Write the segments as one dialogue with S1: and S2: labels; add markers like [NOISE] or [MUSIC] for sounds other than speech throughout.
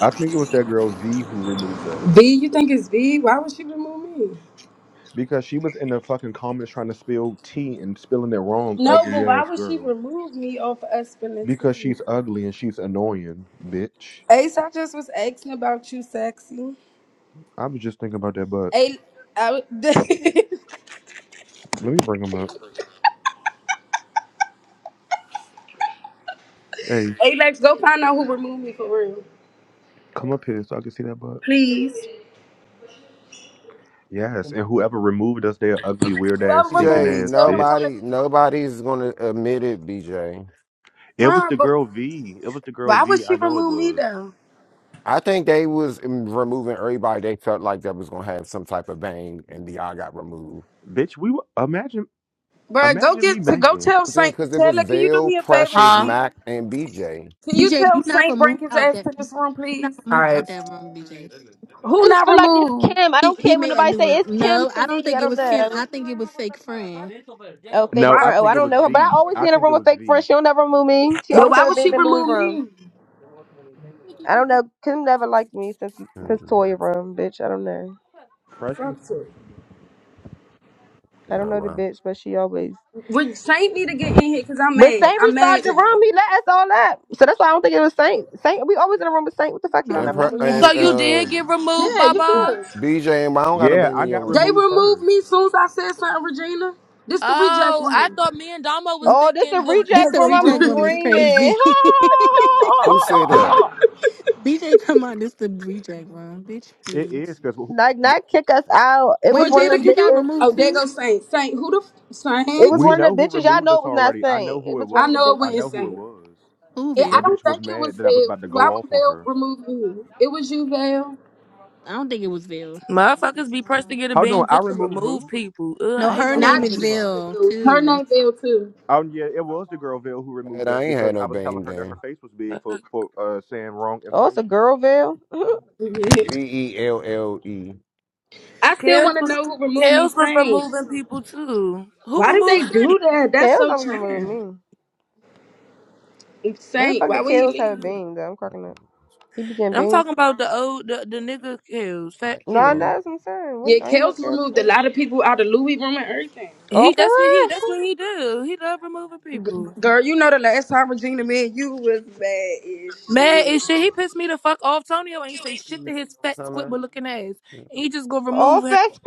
S1: I think it was that girl V who removed us
S2: V, you think it's V? Why would she remove me?
S1: because she was in the fucking comments trying to spill tea and spilling it wrong,
S2: No,
S1: ugly
S2: but why
S1: ass
S2: would she
S1: girl.
S2: remove me off of us from the
S1: Because
S2: team?
S1: she's ugly and she's annoying, bitch.
S2: Ace, I just was asking about you, sexy.
S1: I was just thinking about that butt.
S2: A- I- [LAUGHS]
S1: Let me bring him up. Ace,
S2: Alex, go find out who removed me for real.
S1: come up here so I can see that butt.
S2: Please.
S1: Yes, and whoever removed us, they're ugly, weird
S2: Whoever
S1: ass, stinking
S2: removed me,
S3: BJ,
S1: ass
S2: tell them come
S1: bitch.
S2: to
S3: nobody,
S2: this room.
S3: nobody's gonna admit it. BJ,
S1: It was
S2: Fine,
S1: the
S2: but
S1: girl V. It was the girl
S2: why would
S1: V.
S2: she
S1: I know it
S2: remove me
S1: was.
S2: though?
S3: I think they was um, removing everybody they felt like that was gonna have some type of bang, and the all got removed.
S1: Bitch, we were, imagine,
S2: Bruh, go
S1: imagine me
S2: get to go
S1: banging.
S2: tell
S3: See,
S2: Saint
S3: Because it was
S2: Taylor, can you do
S3: Veil,
S2: me a favor,
S3: Precious,
S4: Huh?
S2: please?
S3: Mac, and BJ.
S2: Can you
S5: BJ,
S2: tell
S5: you not
S2: Saint bring
S5: removed
S2: his
S5: out
S2: ass
S5: that
S2: to
S5: you
S2: this room,
S5: not
S2: please?
S4: All
S5: removed out
S4: right.
S5: that room, BJ.
S6: I
S2: Who
S6: just
S2: not
S6: feel like it's
S2: removed?
S6: Kim. I
S5: He
S6: don't
S5: he
S6: care when
S5: made a
S6: nobody
S5: new
S6: say
S5: room.
S6: it's Kim
S5: No,
S6: to
S5: I don't
S6: me. I
S5: think it
S6: don't
S5: was Kim.
S6: know.
S5: I think it was fake friend.
S6: Oh, fake
S1: No,
S2: Why?
S1: I
S6: friend. Oh, I
S1: think it
S6: don't
S1: was
S6: know her, but I
S1: V.
S6: always be
S1: I
S6: in a
S1: think
S6: room
S1: it
S6: with
S1: was
S6: fake friends. She don't never move me. She
S2: But
S6: always
S2: why
S6: have a
S2: would she
S6: beam in Louis
S2: remove
S6: room.
S2: me?
S6: I don't know. Kim never liked me since since
S3: Mm,
S6: Toya room, bitch. I don't know.
S1: freshman.
S2: Fuck
S1: I
S2: her.
S1: miss you,
S6: I don't
S3: No
S6: know the
S3: wow.
S6: bitch, but she always.
S2: Would Saint need to get in here because I'm
S6: But
S2: mad.
S6: Saint
S2: I'm
S6: restarted
S2: mad
S6: the
S2: now.
S6: room. He let us all up, so that's why I don't think it was Saint. Saint, we always in a room with Saint. What the fuck? He don't
S3: And
S5: No,
S6: ever
S5: I
S3: Pre-
S6: move
S5: mean
S6: us.
S7: So
S3: and
S7: you
S3: uh,
S7: did get removed,
S2: Yeah, you
S7: Baba?
S2: good.
S3: BJ and I don't got no
S1: Yeah,
S3: bang
S1: I
S3: in your
S1: got
S2: They
S3: room.
S1: removed
S2: removed
S1: first.
S2: me soon as I said something, Regina. This the reject
S7: Oh, I
S2: room.
S7: thought me and Damo was
S5: [LAUGHS]
S6: Oh, this
S7: thinking
S6: the
S7: because the
S5: this
S6: reject
S7: 'cause
S5: the
S6: room.
S7: the
S6: I'm
S5: reject
S7: room
S5: room is crazy.
S6: screaming. [LAUGHS]
S5: [LAUGHS]
S3: Who said that?
S5: BJ talking about this the reject room. Bitch
S1: It is
S5: please.
S1: because
S6: Like, not kick us out. It was
S5: Wait,
S6: one
S5: Vale,
S2: Regina,
S6: of them
S5: you
S2: can
S5: got
S2: you?
S6: bitches.
S2: Oh,
S5: removed
S2: there
S5: too?
S2: goes Saint. Saint, who the f-
S6: It was
S2: Saint?
S1: we
S6: one of
S1: know
S6: the
S1: who
S6: bitches. Y'all
S1: removed
S6: know
S1: us
S6: it was not
S1: already. I know
S6: Saint. It
S1: who it
S6: was one
S2: I
S6: of the
S1: was.
S2: know it
S1: I
S6: bitches.
S2: wasn't
S1: know who it
S2: Saint.
S1: was.
S5: Who
S2: It, I
S1: That
S5: Vale?
S2: don't
S1: bitch was
S2: think it was
S1: mad that I was
S2: Vale.
S1: about to
S2: 'cause why
S1: go
S2: would
S1: off on
S2: Vale
S1: her.
S2: remove me? It was you, Vale.
S5: I don't think it was Vale.
S7: motherfuckers be pressed to get a
S1: Hold on,
S7: bean
S1: I
S7: just to
S1: removed
S7: remove
S1: who?
S7: people. Ugh,
S5: No,
S7: I
S1: How
S7: hate
S1: did
S5: her
S1: I
S7: this.
S5: name
S2: Not
S1: remove
S5: is
S2: you,
S1: anybody?
S5: Vale
S2: Vale. Her
S5: too.
S2: name Vale too.
S1: Oh yeah, it was the girl Ville who
S3: Man,
S1: removed us
S3: I ain't
S1: because
S3: had
S1: I
S3: no
S1: was telling
S3: bang
S1: her that her
S3: then.
S1: face was big
S7: Uh,
S1: for for uh, saying wrong
S6: Oh, it's a
S1: information.
S6: girl veil. [LAUGHS]
S2: Yeah.
S3: B e l l e.
S2: I still
S7: Kels
S2: want to
S7: was
S2: know who removed me,
S7: Kels was
S2: Saint.
S7: removing people too. Who
S2: Why did they
S7: removed Shane?
S2: do that? That's
S6: Kale's
S2: so
S6: gonna be removing
S2: childish.
S6: me. When the
S2: Insane.
S6: fuck
S2: Why
S6: did
S2: would he
S6: Kale's
S2: leave?
S6: have a
S2: you?
S6: bean though? I'm cracking up. He began
S7: I'm
S6: beans.
S7: talking about the old the, the nigga Kels,
S3: How
S7: fat
S6: Nah,
S3: y'all
S6: nah,
S7: Kels.
S6: that's what I'm saying.
S2: Yeah,
S6: When, I ain't no
S2: Kels
S6: Kale
S2: removed a
S6: began.
S2: lot of people out of Louis room and everything.
S6: Oh,
S7: He
S6: for
S7: that's what he
S6: real?
S7: that's what he do. He love removing
S2: G-
S7: people.
S2: Girl, you know the last time Regina, me and you was bad as
S7: Man, and
S2: shit.
S7: shit, he pissed me the fuck off. Tonio ain't say shit
S3: doing?
S7: to his fat
S3: What's up, man?
S7: squibble looking ass. He just gonna
S6: Oh,
S7: remove him.
S6: facts.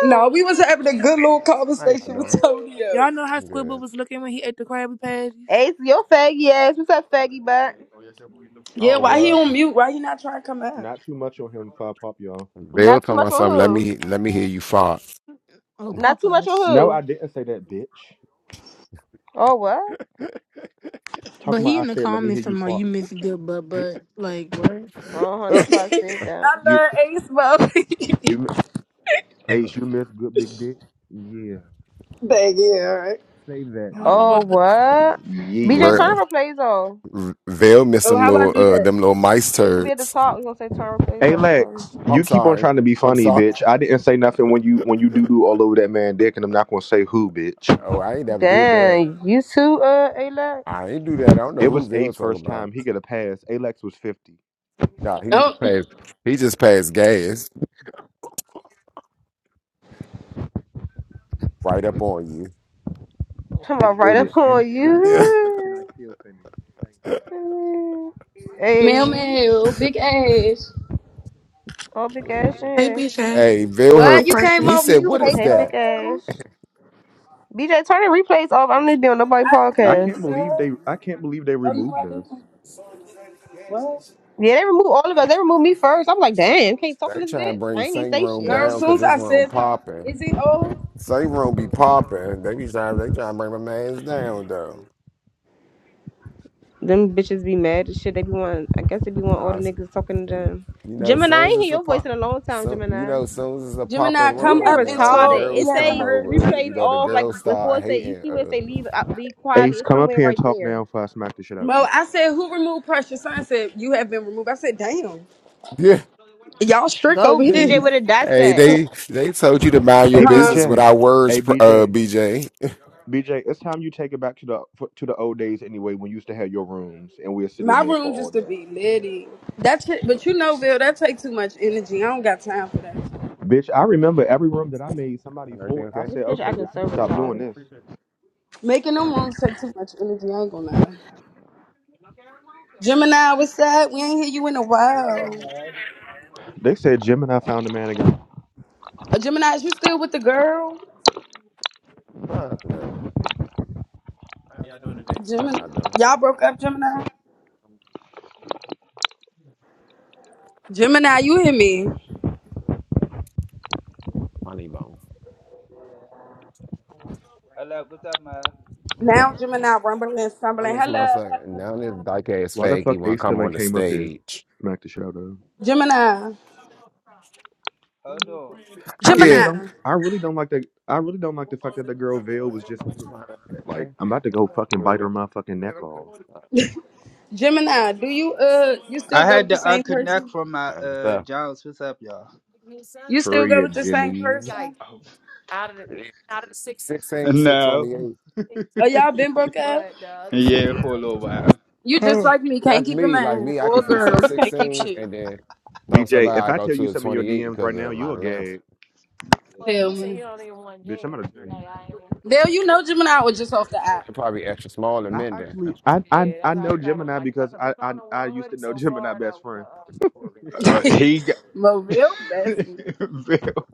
S2: No, we was having a good little
S3: How y'all
S2: conversation with
S3: doing?
S2: Tonio.
S7: Y'all know how
S3: Good.
S7: Squidward was looking when he ate the Krabby
S6: [LAUGHS]
S7: Patties?
S6: Ace, your faggy ass. What's up, faggy butt?
S2: Yeah,
S3: Oh
S2: why he on
S3: well,
S2: mute? Why he not trying to come out?
S1: Not too much on him, five pop y'all.
S3: they'll
S6: Not too
S3: tell
S6: much
S3: me
S6: on
S3: something. Let
S6: who?
S3: me let me hear you fart.
S5: Oh,
S6: Not too much on
S5: Papa's.
S1: No, I
S6: who?
S1: didn't say that, bitch.
S6: Oh, what?
S5: But
S1: Talking about,
S5: he
S1: I
S5: in the
S1: said, let me hear
S5: comments
S1: you
S5: somewhere, you
S1: fart.
S5: miss good butt, but like what?
S6: Uh huh.
S2: [LAUGHS]
S3: [LAUGHS]
S6: That's why I said that.
S2: I
S1: You
S2: love Ace Bobby.
S1: you Ace, you miss good big dick. Yeah,
S2: [LAUGHS] Bang, yeah, all right.
S1: say that
S7: Oh, well.
S6: Oh,
S1: then.
S6: what? BJ
S1: Yeah.
S3: Real-
S6: Turner plays off.
S3: They'll miss
S2: Oh,
S3: them
S2: how I
S3: little
S2: do
S3: uh
S2: that?
S3: them little mice
S6: It should be at the
S3: turds.
S6: top. We're gonna say Turner plays
S1: Hey
S6: off or something.
S1: Lex, you
S3: I'm
S1: keep on
S3: sorry.
S1: trying to be
S3: I'm
S1: funny,
S3: sorry.
S1: bitch. I didn't say nothing when you when you doo doo all over that man dick, and I'm not gonna say who, bitch.
S3: Oh, I ain't never did that.
S6: Dang, you too, uh, Alex?
S3: I ain't do that. I don't know
S1: It
S3: who
S1: was
S3: Vale
S1: A's
S3: talk
S1: first
S3: about.
S1: time. He got a pass. Alex was 50.
S3: Nah, he just
S2: Oh,
S3: passed. He just passed gas right up on
S6: Come on, right
S1: Enjoyed
S6: up
S1: it, and
S6: on you.
S1: and I
S3: you. [LAUGHS]
S1: and I still finished. Thank you.
S6: [LAUGHS]
S3: Yeah.
S2: mail,
S6: hey,
S2: mail, big ass.
S6: oh, big ass,
S8: Hey
S6: yeah.
S8: BJ.
S3: hey, Vale
S8: Hey
S2: What?
S3: hurt.
S2: You came
S3: He
S8: Precious.
S2: off
S3: said,
S2: mute,
S3: "What
S2: hey
S3: is
S6: Hey, big
S3: that?"
S6: ass.
S2: girl.
S6: BJ, turn the replays off. I don't need to be on nobody
S2: I
S1: I
S6: podcast.
S1: can't
S2: did,
S1: believe
S2: girl.
S1: they I can't believe they
S2: Oh no,
S1: removed
S2: I didn't.
S1: us.
S2: What?
S6: Yeah, they removed all of us. They removed me first. I'm like, damn, can't talk to
S3: They
S6: this
S3: trying to
S6: bitch. I
S3: bring
S6: ain't even
S3: Saint
S6: say
S3: Rome
S6: shit.
S2: Girl,
S3: down
S2: soon
S3: because
S2: as
S3: this
S2: I
S3: room
S2: said something,
S3: popping.
S2: is it old?
S3: Same room be popping. They be trying. They trying to bring my man's down though.
S6: Them bitches be mad as shit. They be want, I guess they be want all
S3: Nah,
S6: the
S3: it's-
S6: niggas talking to them.
S3: you know,
S6: Gemini, I
S3: soon as
S6: ain't hear
S3: it's a
S6: your voice in
S3: pop,
S6: a long time,
S3: so you
S6: Gemini.
S3: know, soon as it's a
S2: Gemini
S3: popping
S6: These
S2: come
S6: are
S2: up
S3: room and
S2: and
S3: all the
S2: told
S6: retarded.
S2: we
S6: It
S3: girls
S2: haven't
S3: come
S6: say
S2: heard
S6: three
S3: over,
S2: you.
S3: you
S6: plays
S3: know, the
S6: off, like
S3: girls
S6: before
S3: start
S6: it say you
S3: hating.
S6: see where it say
S3: Uh,
S6: leave out leave quietly.
S1: Ace,
S6: It's
S1: come up
S6: somewhere
S1: here and
S6: right
S1: talk
S6: there.
S1: now before I smack the shit out
S2: Mo,
S1: you.
S2: I said, who removed pressure? Son said, you have been removed. I said, damn.
S3: [LAUGHS] yeah,
S2: Y'all strict
S6: Go
S2: over
S3: they,
S6: BJ
S2: here.
S6: with a
S2: [LAUGHS]
S3: hey,
S6: dissect.
S3: they they told you to mind your
S1: Hey
S2: Huh?
S3: business
S1: BJ,
S3: without words.
S1: hey
S3: pr- Uh,
S1: BJ,
S3: BJ,
S1: BJ. It's time you take it back to the to the old days anyway when you used to have your rooms and we'll sit in
S2: My
S1: there
S2: room
S1: for all
S2: just to
S1: day.
S2: be litty. That's it. But you know, Bill, that take too much energy. I don't got time for that.
S1: Bitch, I remember every room that I made somebody
S3: everything
S1: for it. I
S3: okay?
S6: This
S1: said,
S6: bitch
S1: okay,
S6: acting
S1: bitch, I'm
S6: so
S1: gonna stop doing
S6: retarded.
S1: this.
S2: Making them rooms take too much energy. I ain't gonna lie. Gemini, what's up? We ain't hear you in a while.
S1: They said Gemini found a man again.
S2: Uh, Gemini, is you still with the girl?
S3: Fuck no, I
S2: Gemini,
S3: got done.
S2: y'all broke up, Gemini? Gemini, you hear me?
S3: Funny bone.
S9: Hello, what's up, man? Uh,
S2: Now Gemini, rumbling,
S3: Now
S2: stumbling.
S3: this
S2: Hello,
S3: motherfucker, now this dyke ass
S1: Why the
S3: fag, he
S1: fuck
S3: wanna
S1: A
S3: come
S1: still
S3: on
S1: ain't
S3: the
S1: came up here?
S3: stage.
S1: Smack the shout out.
S2: Gemini.
S9: hold on.
S1: I really don't
S2: Gemini.
S1: I really don't like that I really don't like the fact that the girl Veil was just like
S3: Okay.
S1: I'm about to go fucking bite her motherfucking neck off.
S2: Gemini. Do you uh you still
S9: I
S2: go
S9: had
S2: with
S9: to
S2: the same
S9: unconnect
S2: person?
S9: from my
S3: And
S9: uh
S3: stuff.
S9: Jones. What's up, y'all? [LAUGHS]
S2: You still go
S1: Period,
S2: with the same
S1: Jimmy. [SIGHS]
S2: person?
S3: Sixteens to
S9: No,
S3: twenty-eight.
S2: Uh, y'all been broke up?
S9: yeah, for a little while.
S2: You just
S1: Oh.
S2: like me, can't
S3: That's
S2: keep a
S3: me. Like
S2: man
S3: me, I
S2: or a
S3: can fit some
S2: girl. You can't keep
S3: sixteens,
S2: shit.
S3: and then some stuff
S1: DJ, if
S3: I gotta
S1: I
S3: go
S1: tell you
S3: to a
S1: some of your
S3: twenty-eight
S1: DMs
S3: because
S1: right now,
S3: of my
S1: you a
S3: length.
S1: gag.
S2: Tell me.
S1: Bitch, I'm gonna tell you.
S2: Dale, you know Gemini was just off the app.
S3: They're probably extra small and
S1: I
S3: men then.
S1: actually I I, I know Gemini because I, I I used to know [LAUGHS] Gemini best friend.
S9: Uh,
S2: [LAUGHS]
S9: he got
S2: Mobile
S9: [LAUGHS]
S2: Bessie.
S9: Bill,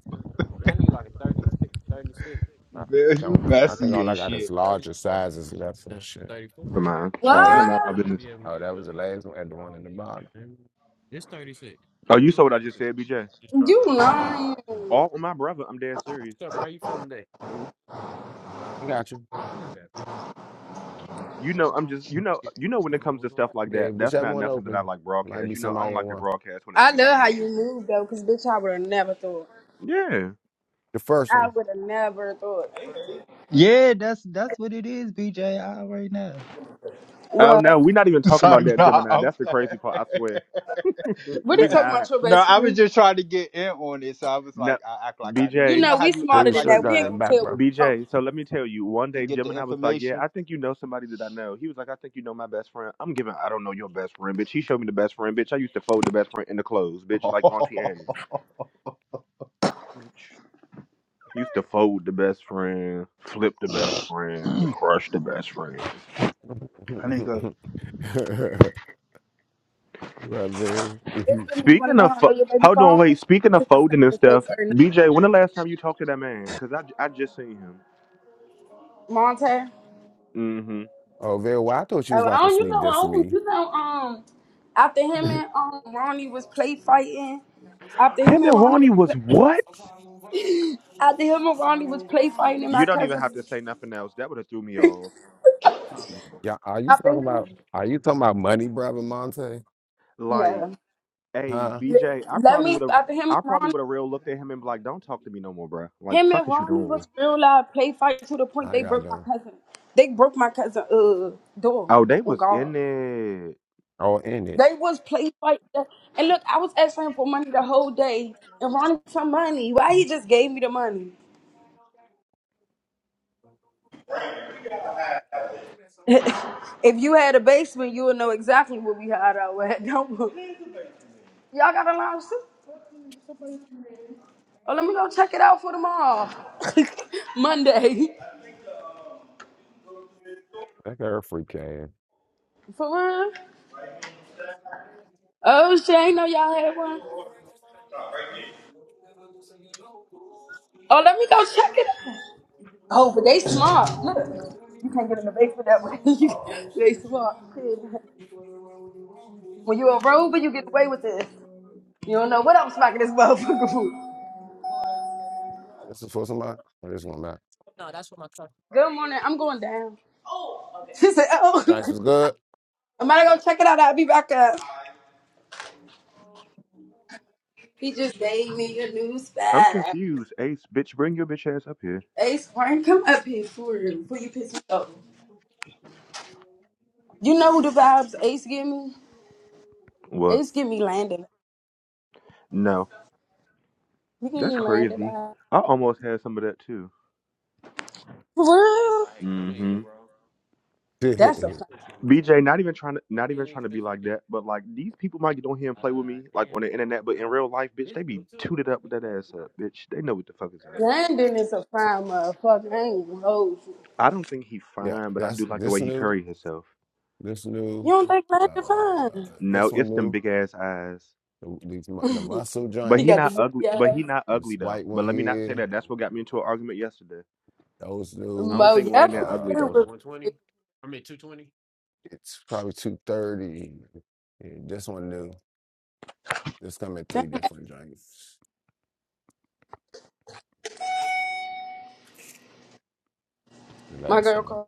S3: I
S9: Bill, you
S3: don't think. I think all
S9: messy
S3: I
S9: as
S3: got is
S9: shit.
S3: larger sizes left and shit.
S1: For my
S3: Oh, you
S1: child,
S3: got
S1: none
S3: it.
S1: of my
S2: What?
S1: business.
S3: Oh, that was the last one and the one in the bottom.
S1: Oh, you saw what I just said, BJ.
S2: You lying.
S1: All my brother, I'm dead serious.
S3: Mm, I got you. I got you.
S1: You know, I'm just you know you know when it comes to stuff like
S3: Yeah,
S1: that, that's
S3: whichever
S1: not
S3: one
S1: nothing that I
S3: open.
S1: like
S3: Might be
S1: broadcast. You know, I
S3: somebody
S1: don't
S3: in
S1: like to
S3: one.
S1: broadcast when it
S2: I
S1: comes to like
S2: love how you
S1: niggas. And,
S2: move though, cause bitch, I would have never thought.
S1: yeah.
S3: The first one.
S2: I would have never thought.
S9: Yeah, that's that's what it is, BJ. I already know.
S1: Oh no,
S2: What?
S1: we're not even
S9: [LAUGHS] It's
S1: talking about
S9: like,
S1: that,
S9: nah,
S1: Gemini.
S9: I'm
S1: That's the
S9: playing. [LAUGHS]
S1: crazy part. I swear, Mm,
S2: What are
S1: we
S2: you talking about,
S1: not.
S2: your
S9: No,
S2: best
S9: I was
S2: friend?
S9: just trying to get in on it, so I was
S1: No,
S9: like, I act like I knew.
S2: You
S9: You
S1: BJ,
S9: know
S2: know,
S9: how
S2: we
S9: you
S3: Pull
S2: smarter
S9: act
S3: your
S2: than
S9: like
S2: that.
S3: shirt
S9: you
S2: We
S3: down in
S2: ain't
S3: the
S9: know
S2: gonna
S3: back,
S2: tell
S3: bro.
S2: what we talking.
S1: BJ. So let me tell you. One
S9: to
S1: day,
S9: get the
S1: Gemini was like, "Yeah,
S9: information.
S1: I think you know somebody that I know." He was like, "I think you know my best friend." I'm giving. I don't know your best friend, bitch. He showed me the best friend, bitch. I used to fold the best friend in the clothes,
S9: [LAUGHS]
S1: bitch,
S9: I
S1: like Auntie Annie. bitch. Used to fold the best friend, flip the best friend, crush the best friend.
S9: need to go.
S3: [LAUGHS] well, Viv.
S2: It's
S3: [LAUGHS]
S2: gonna. You wanna
S1: Speaking
S2: know
S1: of,
S2: how I know
S1: fo-
S2: your baby
S1: hold on,
S2: father?
S1: wait. Speaking of
S2: Cause I say
S1: folding and
S2: his face
S1: stuff,
S2: every night.
S1: BJ, when the last time you talked to that man? Cause I, I I just seen him.
S2: Monte.
S1: hmm
S3: Oh, Viv, well, I thought you was
S2: Oh, I
S3: about to
S2: don't. You
S3: sneak
S2: know. I
S3: this to
S2: don't.
S3: me.
S2: You know. Um. After him and um Ronnie was play fighting. After him
S1: Him
S2: and
S1: and
S2: Ronnie
S1: Ronnie was what?
S2: was. [GASPS] [LAUGHS] After him and Ronnie was play fighting, and my
S1: You don't even
S2: cousin.
S1: have to say nothing else. That would have threw me off.
S3: Yeah, are you
S2: After him.
S3: talking about are you talking about money, brother Monte?
S1: Like,
S2: No.
S1: hey,
S3: Huh?
S2: Let
S1: BJ, I
S2: let
S1: probably
S2: me.
S1: would have,
S2: After him and
S1: I probably
S2: Ronnie.
S1: would have real looked at him and be like, "Don't talk to me no more, bruh. Like,
S2: Him and
S1: fuck is you
S2: Ronnie
S1: doing?
S2: was real loud play fight to the point
S3: I
S2: they
S3: got
S2: broke my
S3: done.
S2: cousin. They broke my cousin uh door.
S1: Oh, they
S2: Oh
S1: was
S2: God.
S1: in it.
S3: Oh, in it.
S2: They was play fight. And look, I was asking for money the whole day and Ronnie for money. Why he just gave me the money? [LAUGHS] if you had a basement, you would know exactly what we hide out at. [LAUGHS] Don't we? y'all got a lounge too? Oh, let me go check it out for tomorrow. [LAUGHS] Monday.
S3: That girl freak ass.
S2: For real? Oh shit, I ain't know y'all had one. Oh, let me go check it out. Oh, but they smart. Look, you can't get in the basement that way. [LAUGHS] they smart. Shit. When you a rover, you get away with this. You don't know what I'm smacking this motherfucker for.
S3: This is for somebody? Or this one not?
S2: Good morning. I'm going down. She said, oh,
S3: Giants
S2: [LAUGHS]
S3: was good.
S2: I'm gonna go check it out. I'll be back up. He just gave me a new
S1: I'm
S2: spot.
S1: confused. Ace, bitch, bring your bitch ass up here.
S2: Ace, Warren, come up here for real before you piss me off. You know the vibes Ace give me?
S1: What?
S2: Ace give me Landon.
S1: No.
S2: You give
S1: That's
S2: me Landon
S1: crazy.
S2: vibes.
S1: I almost had some of that too.
S2: For real?
S1: hmm
S3: [LAUGHS] yeah,
S2: That's a fine.
S1: BJ, not even trying to, not even trying to be like that, but like these people might get on here and play with me, like on the internet, but in real life, bitch, they be tooted up with that ass up, bitch. They know what the fuck is up.
S2: Landon is a fine motherfucker. I ain't gonna hold you.
S1: I don't think he fine, but I do
S3: that's
S1: like the
S3: this
S1: way he
S3: new,
S1: curry himself.
S3: this
S2: You
S3: new,
S2: don't think
S3: uh,
S2: Landon
S3: this
S1: No,
S3: one
S1: it's them
S3: new.
S1: big ass eyes,
S3: The, these mu- the
S2: fine?
S3: muscle
S2: [LAUGHS]
S1: but
S2: he
S1: he
S2: got the
S1: not
S3: joints,
S2: blue
S1: ugly. But he
S2: eyes.
S1: not
S3: this
S1: ugly though.
S3: white
S1: But
S3: one
S1: let me not say
S3: here,
S1: that. That's what got me into an argument yesterday.
S3: those
S1: I
S3: new.
S1: don't
S2: Mo,
S1: think Wayne
S2: yesterday
S1: that
S3: Uh,
S1: ugly though.
S2: was
S3: it's probably two thirty. Yeah, this one new. This come in three different joints. The
S2: my
S3: last
S2: girl
S3: one.
S2: called.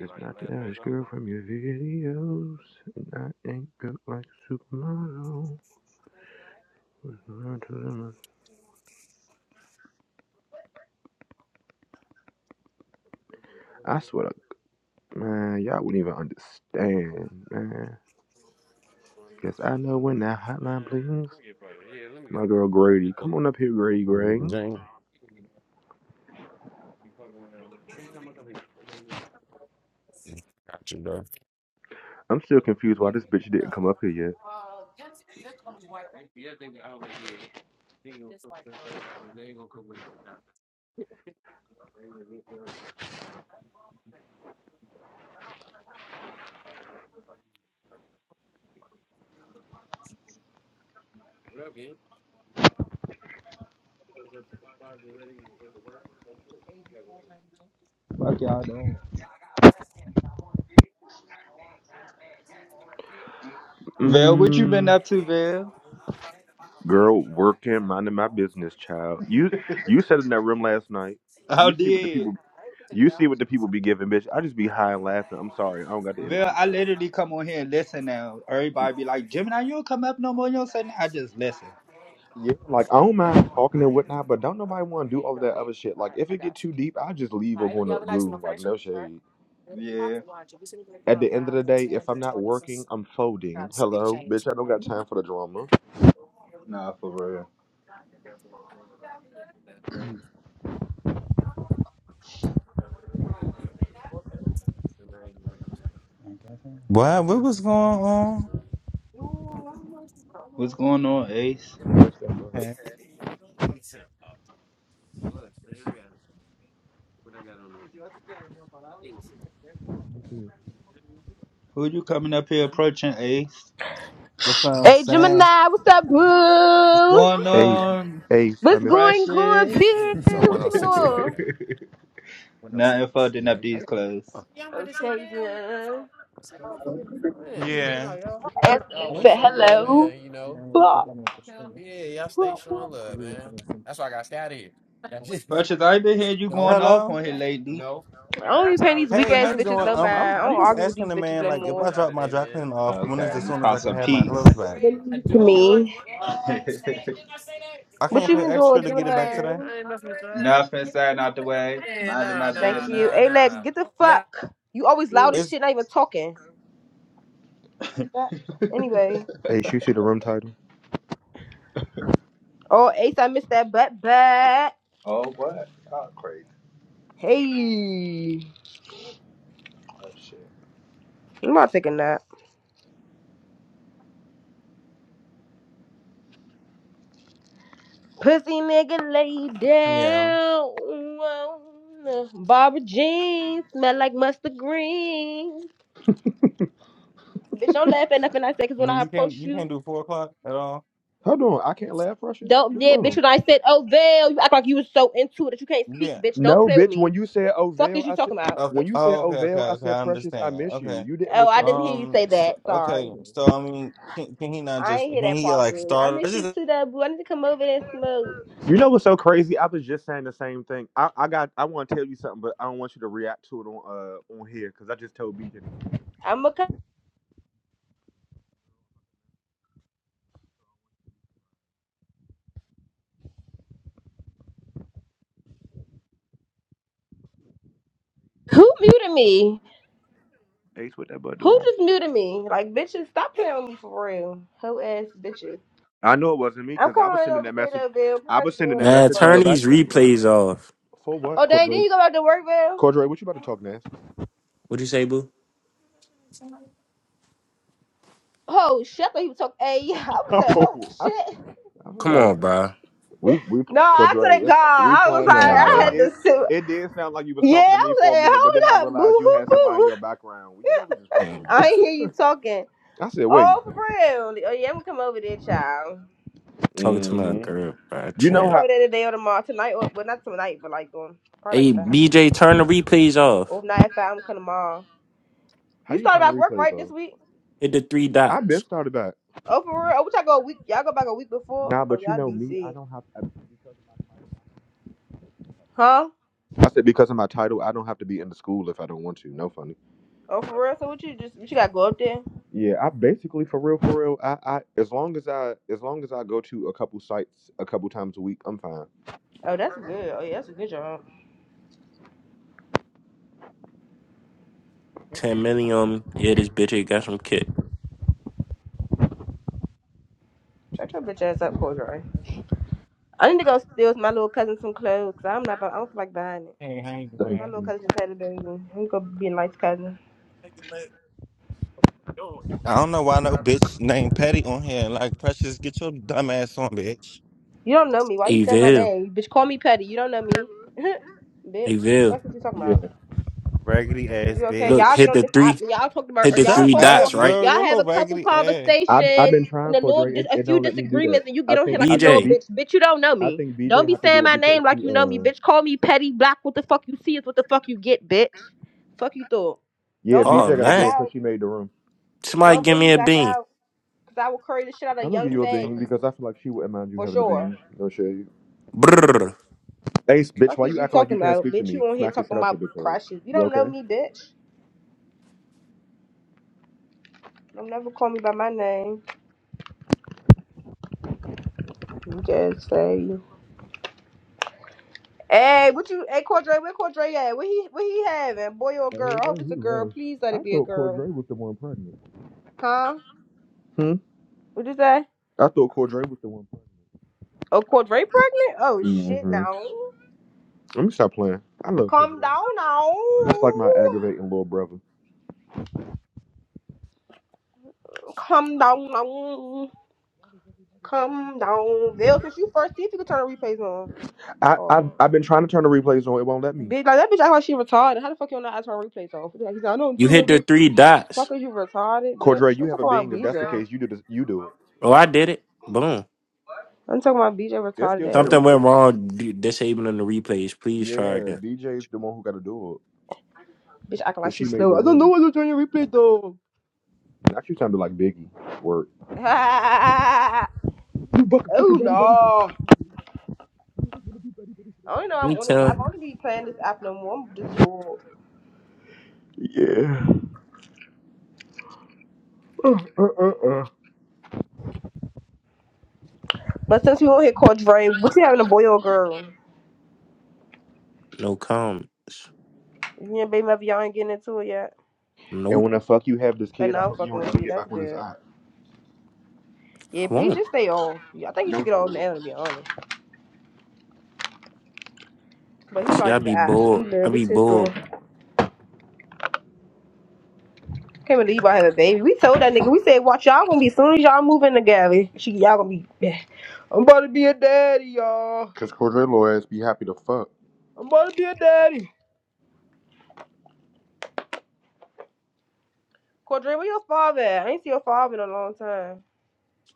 S1: It's not the average girl from your videos, and I ain't built like a supermodel. I swear to man, y'all wouldn't even understand, man. Cause I know when that hotline blings, my girl Grady, come on up here, Grady
S3: Let me get
S1: Gray.
S3: the joint. Got you, bro.
S1: I'm still confused why this bitch didn't come up here yet.
S9: Fuck y'all doing? Vel, what you been
S1: Mm,
S9: up to, Vel?
S1: girl, working, minding my business, child. You you sat in that room last night.
S9: How
S1: You see what the
S9: did
S1: people you see what the people be giving, bitch. I just be high and laughing. I'm sorry, I don't got the
S9: Vel?
S1: energy
S9: I
S1: for it.
S9: literally come on here and listen now. Everybody be like, Gemini, you don't come up no more. You don't say nothing. I just listen.
S1: Yeah, like I don't mind talking and whatnot, but don't nobody want to do all of that other shit. Like if it get too deep, I just leave or go to goo. Like no shade.
S9: Yeah,
S1: At the end of the day, if I'm not working, I'm folding. Hello, bitch. I don't got time for the drama.
S9: nah, for real. Okay.
S10: What? What was going on?
S9: What's going on, Ace?
S1: Shut the
S10: Okay.
S1: fuck
S9: Who you coming up here approaching, Ace?
S10: That's what I'm
S6: Hey
S10: saying.
S6: Gemini, what's up,
S9: What's
S6: boo?
S9: going
S1: Hey,
S9: on,
S1: Ace. I
S6: What's
S1: miss.
S6: going on, B?
S9: Precious?
S3: So one
S6: What you
S3: hundred
S9: [LAUGHS]
S6: been
S3: six eleven.
S6: doing?
S9: nothing folding
S3: Yeah.
S9: up
S3: I
S9: these
S3: got
S9: clothes.
S3: it.
S6: Okay, then.
S10: Yeah.
S6: And
S10: Hello.
S6: Say hello. Blah, blah, blah.
S9: Precious, I been hearing you going off on here lately.
S6: I don't even pay these weak
S10: Hey, how
S6: ass
S10: you
S6: bitches
S10: doing?
S6: no mind.
S10: Um, I'm
S6: I don't
S10: I'm just
S6: argue with
S10: asking
S6: these
S10: the
S6: bitches
S10: man
S6: no
S10: like if I
S6: more.
S10: drop my dry cleaning off, when is
S9: Okay,
S10: as
S9: you
S10: soon as
S9: found
S10: I can
S9: some
S10: have my clothes
S9: peace.
S10: back?
S6: Believe to me.
S9: [LAUGHS]
S10: I
S6: What
S10: can't
S6: you
S10: pay
S6: been
S10: extra
S6: doing,
S10: to get it back today.
S6: Gemini?
S9: Nothing saying out the way. Minding my
S6: Thank
S9: business.
S6: you. Alex, get the fuck. You always loud
S9: Yeah.
S6: as
S10: It's
S6: shit, not even talking. Fuck. Anyway.
S1: Ace, you see the room title?
S6: Oh, Ace, I missed that butt back.
S9: Oh, what? God, crazy.
S6: Hey.
S9: Oh, shit.
S6: I'm about to take a nap. Pussy nigga lay
S10: yeah.
S6: down. Barbara jeans smell like mustard green. Bitch, don't laugh at nothing I say, cause when I
S10: Mm, You can't
S6: approach
S10: you
S6: you,
S10: can't do four o'clock at all.
S1: Hold on, I can't laugh, Precious.
S6: don't
S1: What's
S6: yeah, bitch,
S1: wrong?
S6: when I said, oh Val, you act like you was so into it that you can't speak,
S10: Yeah.
S6: bitch. Don't
S1: No,
S6: play with
S1: bitch. When
S6: me.
S1: you said
S6: Fuck
S1: Ovale,
S6: is you
S1: I said
S6: talking about?
S10: Okay.
S1: when you
S10: Oh,
S1: said
S10: okay. Okay.
S1: Ovale, I
S10: Okay.
S1: said
S10: I
S1: Precious. I
S10: understand.
S1: miss you.
S10: Okay.
S1: You didn't
S6: Oh, I
S1: respond
S6: didn't hear you
S10: Um.
S6: say
S10: So,
S6: that. Sorry.
S1: to
S10: okay.
S1: me.
S10: So I mean, can, can he not
S6: I
S10: just
S6: ain't
S10: can
S6: hear that
S10: he
S6: part,
S10: like
S6: boo. I
S10: start? I
S6: miss you
S10: just
S6: too, though, boo. I need to come over there and smoke.
S1: You know what's so crazy? I was just saying the same thing. I, I got I want to tell you something, but I don't want you to react to it on uh on here because I just told BJ
S6: I'm going to Who muted me?
S1: Ace what that butt
S6: Who
S1: doing.
S6: just muted me? Like, bitches, stop playing with me for real. Hoe ass bitches.
S1: I know it wasn't me
S6: I'm
S1: because I was
S6: coming
S1: sending
S6: over
S1: that
S6: there,
S1: message.
S6: though, Bill.
S1: I
S6: Party
S1: was
S6: day
S1: sending
S6: with
S1: that
S6: my
S11: Man,
S1: message in your
S11: turn
S6: brother.
S1: back
S11: these
S1: channel.
S11: replays off.
S1: For what,
S6: Oh, dang, then
S1: Cordray?
S6: you go back to work, Bill?
S1: Cordray, what you about to talk next? [LAUGHS]
S11: What'd you say, boo?
S6: Oh, shit. I thought you was talking. Hey, [LAUGHS] I was like, oh,
S1: Oh, I,
S6: shit.
S1: I was
S11: Come
S1: like,
S11: on, bro.
S1: we we
S6: No, I swear to
S1: Cordray,
S6: God,
S1: it's, we
S6: I was
S1: playing.
S6: like,
S11: Come on,
S1: Nah,
S6: I
S1: it
S11: bro.
S6: had to
S1: did.
S6: sit.
S1: It did sound like you was
S6: Yeah,
S1: talking to
S6: I
S1: me
S6: was
S1: for a
S6: like,
S1: minute, but then I
S6: hold up, boo
S1: realized you had
S6: hoo
S1: somebody in
S6: boo.
S1: your background. Well, you know we just
S11: Come
S1: fucking
S11: on,
S1: with you.
S6: I
S11: bro.
S6: ain't hear you talking.
S1: [LAUGHS] I said, wait.
S6: Oh, for real. Oh, yeah, I'm gonna come over there, child.
S11: Talking to my
S1: hmm
S11: girl, bro.
S1: You
S6: I'm gonna
S1: know
S6: come
S11: Trip.
S1: how
S6: over there today or tomorrow, tonight or well not tonight, but like um, probably like
S11: Hey,
S6: five.
S11: BJ, turn the replays
S6: Or
S11: off.
S6: if not at five, I'm coming tomorrow.
S1: how
S6: You
S1: you
S6: started
S1: turn the
S6: back work
S1: replays
S6: right
S1: off?
S6: this week?
S11: Hit the three
S1: I have been
S11: dots.
S1: started that.
S6: Oh for real? Oh, what y'all go a week? Y'all go back a week before?
S1: Nah,
S6: Oh
S1: but you
S6: y'all
S1: know me, I
S6: DC?
S1: don't have I- because of my title.
S6: Huh?
S1: I said because of my title, I don't have to be in the school if I don't want to. No funny.
S6: Oh for real? So what you just what you gotta go up there?
S1: Yeah, I basically for real, for real. I, I as long as I as long as I go to a couple sites a couple times a week, I'm fine.
S6: Oh that's good. Oh yeah, that's a good job.
S11: 10 million on me. Yeah, this bitch ain't got some kick.
S6: Shut your bitch ass up, Cordray. I need to go steal with my little cousin some clothes. i I'm not. I don't feel like buying it.
S10: Hey, how you
S1: Thank
S6: My
S10: doing?
S6: little
S1: you.
S6: cousin just had a baby. I'm gonna be a nice cousin.
S10: I don't know why no bitch named Petty on here. Like, Precious, get your dumb ass on, bitch.
S6: You don't know me. Why you
S11: Hey,
S6: saying my
S11: Vil.
S6: name? Bitch, call me Petty. You don't know me, [LAUGHS]
S11: Hey,
S6: bitch.
S11: Vil.
S6: That's what you talking
S1: Yeah,
S6: about.
S10: Raggedy
S6: Is
S10: ass
S6: you okay?
S11: Look,
S6: Y'all
S10: bitch.
S6: get
S11: hit
S6: on
S11: the
S6: this app
S11: three.
S6: and y'all talk about
S11: Hit
S6: or
S11: the
S6: y'all
S10: Shut
S11: three
S6: talk
S10: up,
S6: for
S11: dots, right?
S10: girl.
S6: y'all
S10: Your
S6: have
S10: little
S6: a couple
S10: raggedy ass.
S1: I've I've
S6: conversations
S1: been trying
S6: and a little
S1: Cordray.
S6: dis-
S1: It,
S6: a
S1: it
S6: few
S1: don't let me do that.
S6: disagreements and you
S1: I
S6: get on here
S1: think
S6: like
S1: I
S6: you know
S1: think
S6: a
S11: BJ.
S1: B
S6: bitch. Bitch, you don't know
S1: I
S6: me.
S1: think
S6: Don't
S1: BJ
S6: be
S1: have to
S6: saying
S1: do it
S6: my name
S1: because
S6: like
S1: she
S6: you know me,
S1: uh
S6: bitch. Call me petty black. What the fuck you see is what the fuck you get, bitch. Fuck you thought.
S1: yeah
S6: Don't
S11: Oh,
S6: bring
S1: BJ
S6: me
S1: got to
S6: back
S1: do
S11: man.
S1: it because
S6: out.
S1: she made the room.
S11: Somebody
S6: Don't
S11: give
S6: bring me
S11: me a
S6: back
S11: bean.
S6: out. Cause I will curry the shit out of
S1: I'm gonna
S10: I
S6: young
S1: give you
S10: don't
S1: a
S10: feel
S1: bean
S6: faggy.
S1: because I
S10: like
S1: feel like she wouldn't mind you
S6: For
S1: having a
S6: sure.
S1: bean. No shade.
S11: Brrr.
S1: Ace, bitch,
S6: Fuck
S1: why
S6: is
S1: you
S6: you
S1: acting like you
S6: talking
S1: can't
S6: about?
S1: speak to
S6: Bitch,
S1: me?
S6: you on here
S1: Smack this
S6: talking
S1: shit out your
S6: about
S1: bitch ass.
S6: precious. You
S1: You
S6: don't know
S1: okay?
S6: me, bitch. Don't never call me by my name. You just say. Hey, what you? Hey, Cordray, where Cordray at? What he? What he having? Boy or girl?
S1: Oh,
S6: I
S1: there
S6: hope it's
S1: he
S6: a girl.
S1: left.
S6: Please let
S1: I
S6: it be a
S1: thought
S6: girl.
S1: Cordray was the one pregnant.
S6: Huh?
S1: Hmm.
S6: What you say?
S1: I thought Cordray was the one.
S6: Oh, Cordray pregnant? Oh
S1: pregnant.
S6: shit,
S1: Mm-hmm.
S6: no.
S1: Let me stop playing. I love
S6: Come
S1: Cordray.
S6: down now.
S1: That's like my aggravating little brother.
S6: Come down now. Come down, Bill. Since you first, see if you can turn the replays on.
S1: I,
S6: Oh,
S1: I I've been trying to turn the replays on. It won't let me.
S6: bitch, like that bitch act like she retarded. How the fuck you not ask her replays on? Like, he's like, I don't
S11: You
S6: see
S11: hit the
S6: her.
S11: three
S6: Fuck,
S11: dots.
S6: is you retarded,
S1: Cordray,
S6: bitch?
S1: you
S6: I'm
S1: have a
S6: talking about
S1: being. If that's the
S6: BJ.
S1: case, you do this, you do it.
S11: Oh, I did it. Boom.
S6: I'm talking about BJ
S1: It still say the
S6: retarded ass.
S11: Something went
S1: replays.
S11: wrong d- disabling the replays. Please try
S1: Yeah,
S11: again.
S1: BJ's the one who got to do it.
S6: Bitch acting
S1: Cause
S6: like
S1: she
S6: she's
S1: made the
S6: slow. I don't know
S1: room.
S6: what's on your replay though.
S1: Actually, sounded like Biggie. Word.
S6: [LAUGHS] oh
S1: You fucking fucking buddy buddy.
S6: no. I don't know I'm
S11: Me
S6: on this app.
S11: tell
S6: I don't be playing this app no more. I'm just bored.
S1: Yeah. Uh, uh, uh, uh.
S6: But since we on here called Dre, what you having a boy or a girl?
S11: no comments.
S6: If you and baby mother y'all ain't getting into it yet.
S1: And
S11: Nope,
S1: when the fuck you have this
S6: But
S1: kid, I
S6: now I'm
S1: hope you
S6: fucking
S1: don't
S6: with
S1: ever
S6: you.
S1: get
S6: That's
S1: back with this
S6: good.
S1: eye.
S6: Yeah,
S11: I
S6: please
S11: won't.
S6: just stay off. Yeah, I think you
S1: No,
S6: should get
S1: for
S6: off
S1: real.
S6: now to be honest. But he
S11: See, I
S6: like the
S11: be
S6: app. He
S11: bored.
S6: love
S11: I be
S6: this his
S11: bored.
S6: little Can't believe I have a baby. We told that nigga, we said, watch y'all gonna be soon as y'all move in together. She y'all gonna be [SIGHS] I'm about to be a daddy, y'all.
S1: Cause Cordell lawyers be happy to fuck.
S6: I'm about to be a daddy. Cordray, where your father at? I ain't see your father in a long time.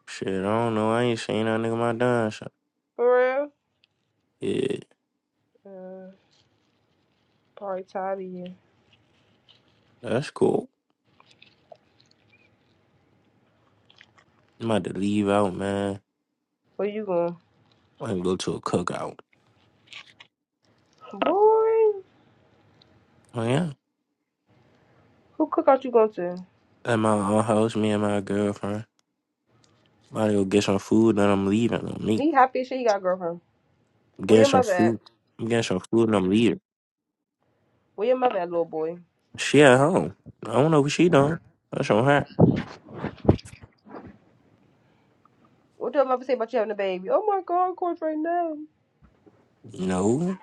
S11: Shit, I don't know. I ain't saying that nigga my dime shop.
S6: For
S11: Yeah,
S6: real? Uh, probably tired of you.
S11: that's cool. I'm about to leave out, man.
S6: Where you going?
S11: I can go to a cookout.
S6: Boy,
S11: Oh yeah,
S6: who cookout you going to?
S11: at my own house, me and my girlfriend. I'm about to go get some food, then I'm leaving. I'm me.
S6: He
S11: get
S6: happy as shit he got a girlfriend. Where your
S11: some
S6: mother at?
S11: food. I'm getting some food, and I'm leaving.
S6: Where your mother at, little boy?
S11: She at home. I don't know what she done. That's on her.
S6: What did your mother say about you having a baby? Oh my god, Cordray, now.
S11: No,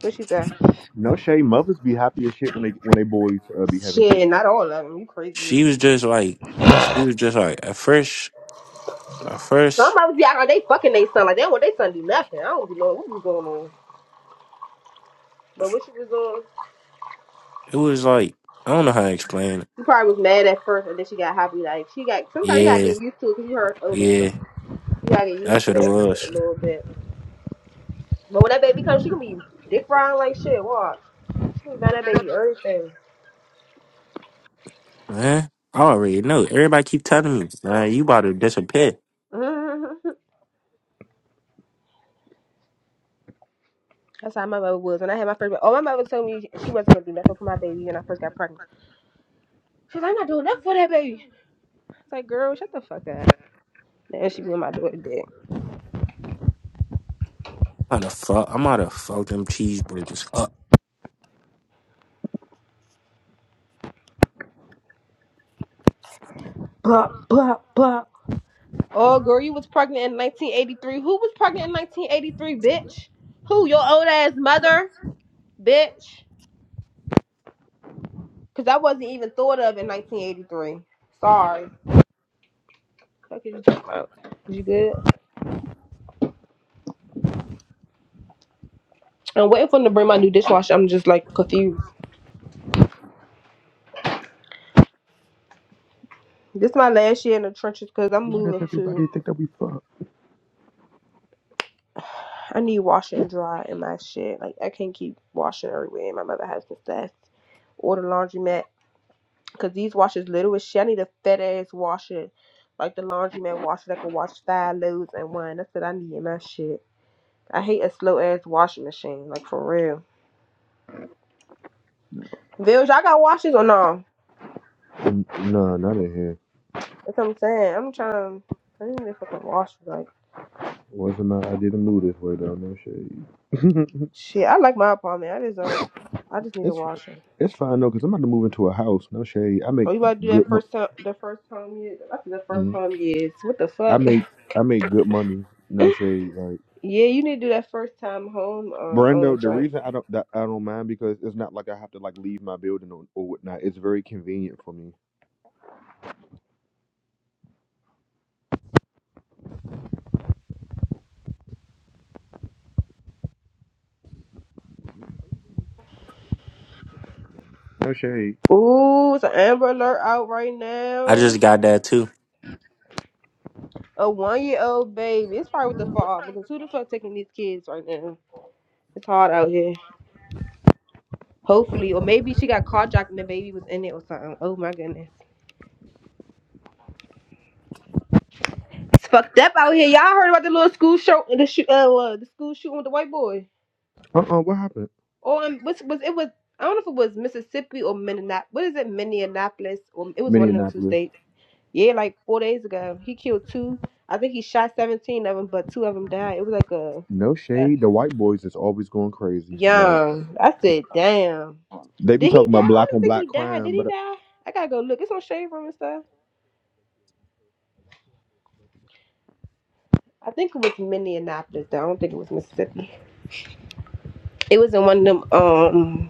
S6: What she say?
S1: No shade, mothers be happy as shit when they when they boys uh, be having
S6: Shit,
S1: kids.
S6: not all of them. You crazy as
S11: she was
S6: shit.
S11: just like, she was just like at first. At first.
S6: Some mothers be out like they fucking they son. Like they don't want they son to do nothing. I don't be knowing what was going on. But what she was doing,
S11: It was like I don't know how to explain it.
S6: she probably was mad at first, and then she got happy. Like she got. Sometimes you gotta
S11: Yeah,
S6: get used to it because you her oldest son.
S11: yeah,
S6: You gotta get used
S11: that's
S6: to
S11: what it
S6: that shit a
S11: was,
S6: little bit. But when that baby comes, she gonna be dick riding like shit. Watch. She gonna buy that baby everything. [LAUGHS]
S11: man. I already know. Everybody keep telling me, man, you about to disappear.
S6: Mhm. That's how my mother was. When I had my first baby, oh, my mother told me she wasn't gonna do nothing for my baby when I first got pregnant. She's like, I'm not doing nothing for that baby. It's like, girl, shut the fuck up. And she be on my daughter dick.
S11: I'm about to fuck. I'm about to fuck them cheeseburgers up.
S6: Blah blah blah. Oh, girl, you was pregnant in 1983. Who was pregnant in 1983, bitch? Who? Your old ass mother, bitch? Because I wasn't even thought of in 1983. Sorry. Fuck is you talking about? Is you good? I'm waiting for them to bring my new dishwasher. I'm just like confused. This is my last year in the trenches because I'm
S1: Why does
S6: moving to.
S1: everybody think that we fuck?
S6: [SIGHS] I need washer and dry in my shit. Like I can't keep washing everywhere. And my mother has and stuff. Or the laundromat because these washers little as shit. I need a fat ass washer, like the laundromat washer that can wash five loads in one. That's what I need in my shit. I hate a slow ass washing machine. Like for real. Village, all got washers or no?
S1: N- nah, not in here.
S6: That's what I'm saying. I'm trying. I need a fucking washer. Like.
S1: Wasn't my, I didn't move this way though. No shade.
S6: Shit, I like my apartment. I just don't. I just
S1: [LAUGHS]
S6: need a
S1: it's
S6: washer.
S1: it's fine though, cause I'm about to move into a house. No shade. I make
S6: Oh, you about to do
S1: good.
S6: that
S1: Mo-
S6: first time? The first home yet? I think the first
S1: mm.
S6: home yes. What the
S1: I
S6: fuck? [LAUGHS]
S1: make I make good money. No shade. Like.
S6: Yeah, you need to do that first time home um on a
S1: Brando, the
S6: drink.
S1: reason I don't that I don't mind because it's not like I have to like leave my building or, or whatnot. It's very convenient for me. No shade.
S6: Ooh, it's an Amber Alert out right
S11: I
S6: now.
S11: just got that too.
S6: A one year old baby. It's probably with the fall because who the fuck taking these kids right now? It's hard out here. Hopefully, or maybe she got carjacked and the baby was in it or something. Oh my goodness, it's fucked up out here. Y'all heard about the little school show, the shoot, uh, uh, the school shooting with the white boy?
S1: Uh uh what happened?
S6: Or um, was was it was I don't know if it was Mississippi or Minneapolis. What is it, Minneapolis? Or it was one of them two
S1: Minneapolis.
S6: states. Yeah, like four days ago, he killed two. I think he shot seventeen of them, but two of them died. It was like a,
S1: No
S6: a
S1: shade. The white boys is always going crazy. Like
S6: young. I said, damn.
S1: they be
S6: Did he
S1: talking
S6: die? I
S1: about
S6: don't
S1: black
S6: even
S1: on
S6: think he
S1: black
S6: died. Did
S1: crime,
S6: he
S1: but
S6: die? I gotta go look. It's on Shade Room and stuff. I think it was Minneapolis. Though I don't think it was Mississippi. It was in one of them um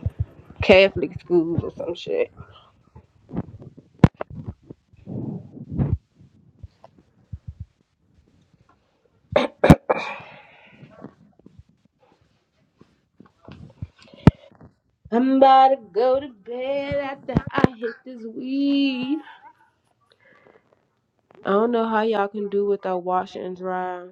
S6: Catholic schools or some shit. I'm about to go to bed after I hit this weed. I don't know how y'all can do without wash and dry.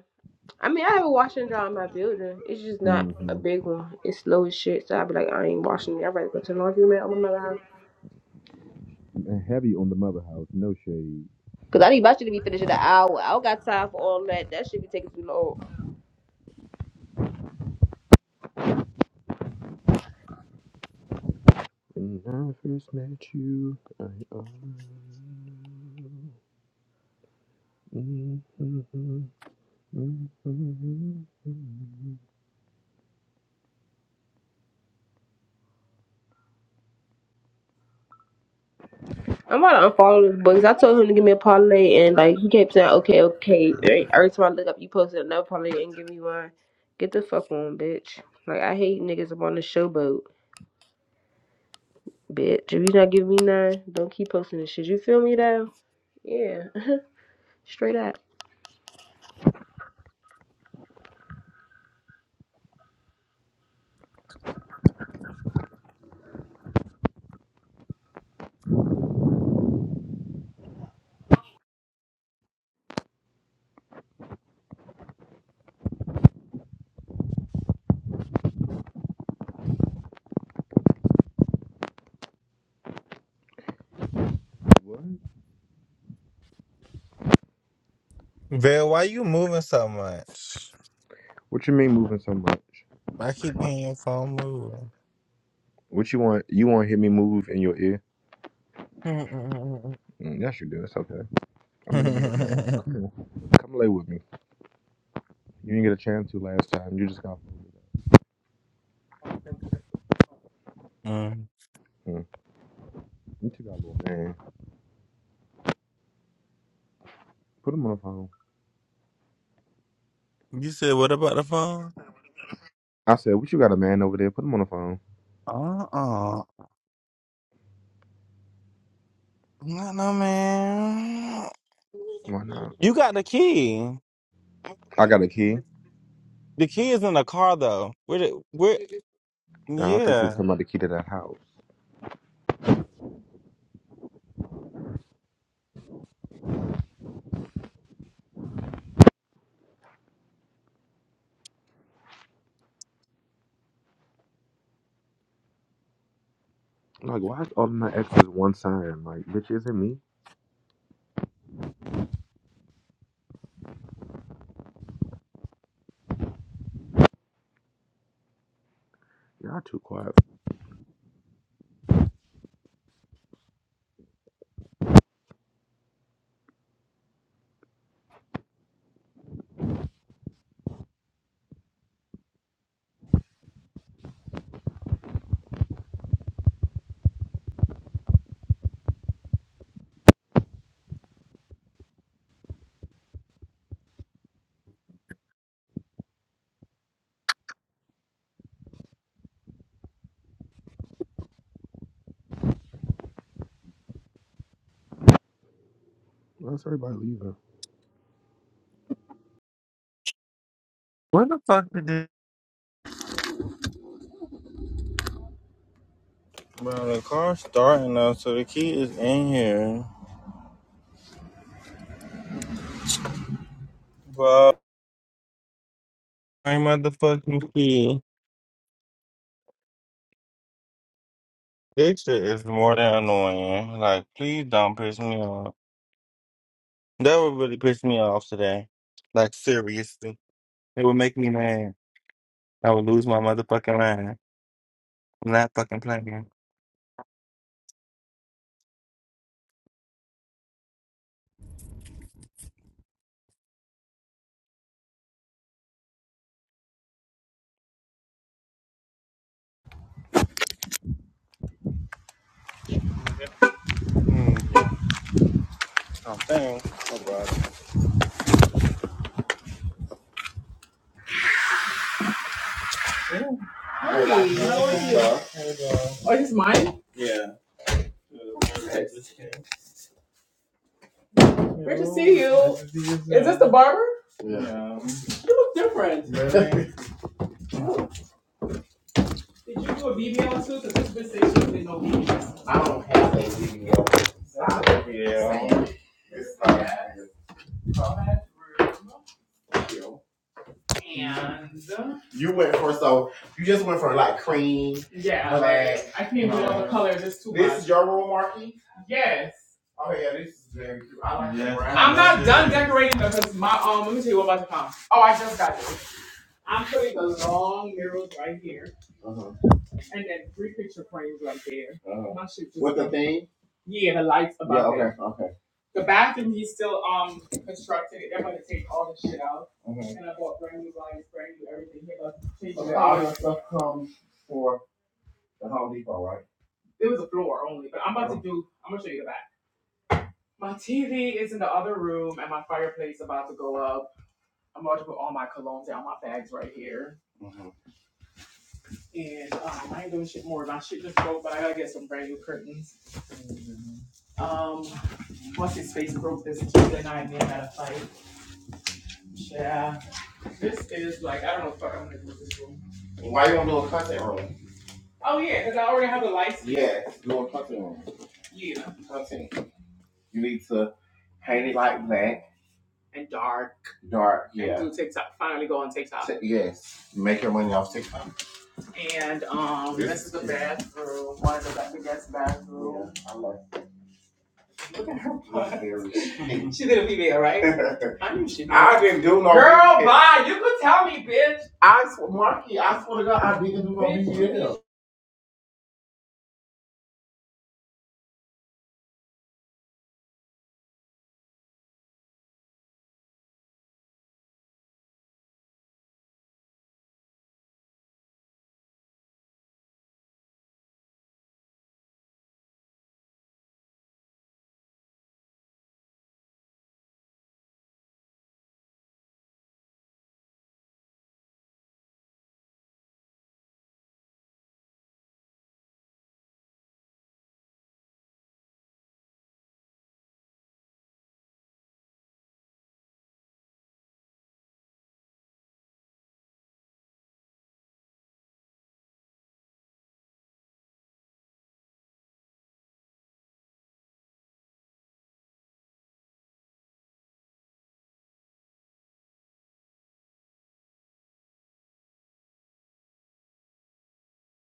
S6: I mean, I have a wash and dry in my building. It's just not a
S1: hmm
S6: big one. It's slow as shit. So I be like, I ain't washing it. I'd rather go to the laundry mat on my mouth.
S1: and heavy on the mother house. No shade.
S6: Cause I need my shit to be finished in an hour. I don't got time for all that. That shit be taking too long.
S1: When I first met you, I mm
S6: I'm about to unfollow this boy. 'cause I told him to give me a parlay, and like he kept saying, okay, okay. Every every time I look up, you posted another parlay and give me one. Get the fuck on, bitch. Like I hate niggas up on the showboat, bitch. If you not giving me none, don't keep posting this shit. You feel me though? Yeah. Straight up.
S1: What?
S10: Bill, why you moving so much?
S1: What you mean moving so much?
S10: [LAUGHS] I keep hearing your phone moving.
S1: What you want? You want to hear me move in your ear?
S10: [LAUGHS]
S1: Mm, yes, you do. It's okay. I'm in the bed now.
S10: that.
S1: Come on. Come lay with me. You didn't get a chance to last time. You just got.
S10: Mm.
S1: Mm. You two got a little man. Put him on the phone.
S10: You said what about the phone?
S1: I said, what you got a man over there? Put him on the phone.
S10: Uh-uh. No, no, man.
S1: Why not?
S10: You got the key.
S1: I got a key.
S10: The kid's in the car though. Where? The, where?
S1: Now, I thought you were
S10: Yeah.
S1: talking about the key to that house. Like, why is all of my exes one sign? Like, bitch, is it me? Y'all too quiet. Why is everybody leaving?
S10: Where the fuck did this? Bro, the car's starting up, so the key is in here. Bro, my motherfucking key. This shit is more than annoying. Like, please don't piss me off. That would really piss me off today. Like, seriously. It would make me mad. I would lose my motherfucking mind. I'm not fucking playing. Hmm. Oh, thanks. Oh, God. Hi, how are you? Oh, this is mine? Great to see you. Nice to see you. Is this the barber? Yeah. You look different. Really? [LAUGHS] Did you do a BBL too? Because this bitch says she did no BBL. Yeah. It's time. And You went for so you just went for like cream. yeah, Okay. like I can't even do all the colors. It's too much. This is your room, Marky. Yes. Oh yeah, this is very cute. I like Yes. brown. I'm not done decorating because my um. Let me tell you what about to come. Oh, I just got this. I'm putting the long mirrors right here. Uh-huh. And then three picture frames up there. Oh. My shit just With the thing? Yeah, the lights Yeah, above it. okay, there. okay. The bathroom he's still um constructing it. They're gonna take all the shit out. Okay. And I bought brand new lights, brand new everything. He about to change Okay, it out. It was a floor only, but I'm about oh, to do I'm gonna show you the back. My TV is in the other room and my fireplace about to go up. I'm about to put all my colognes down my bags right here. mhm. And um, I ain't doing shit more. My shit just broke, but I gotta get some brand new curtains. Um, what's his face broke this Tuesday night and then had a fight. Yeah, this is like I don't know if I'm gonna do this room. Why you want to do content room? Oh yeah, because I already have a license. Yeah, little content room. Yeah, Content. You need to paint it like black, and dark dark. and Yeah. And do TikTok. Finally go on TikTok. T- yes. Make your money off TikTok. And um, this this is the bathroom, one of the best guest bathroom. Yeah, I love [LAUGHS] She did a female, right? [LAUGHS] I knew she did. not do no Girl, bye. You could tell me, bitch. I swear, Marky, I swear to God, I didn't do no BBL.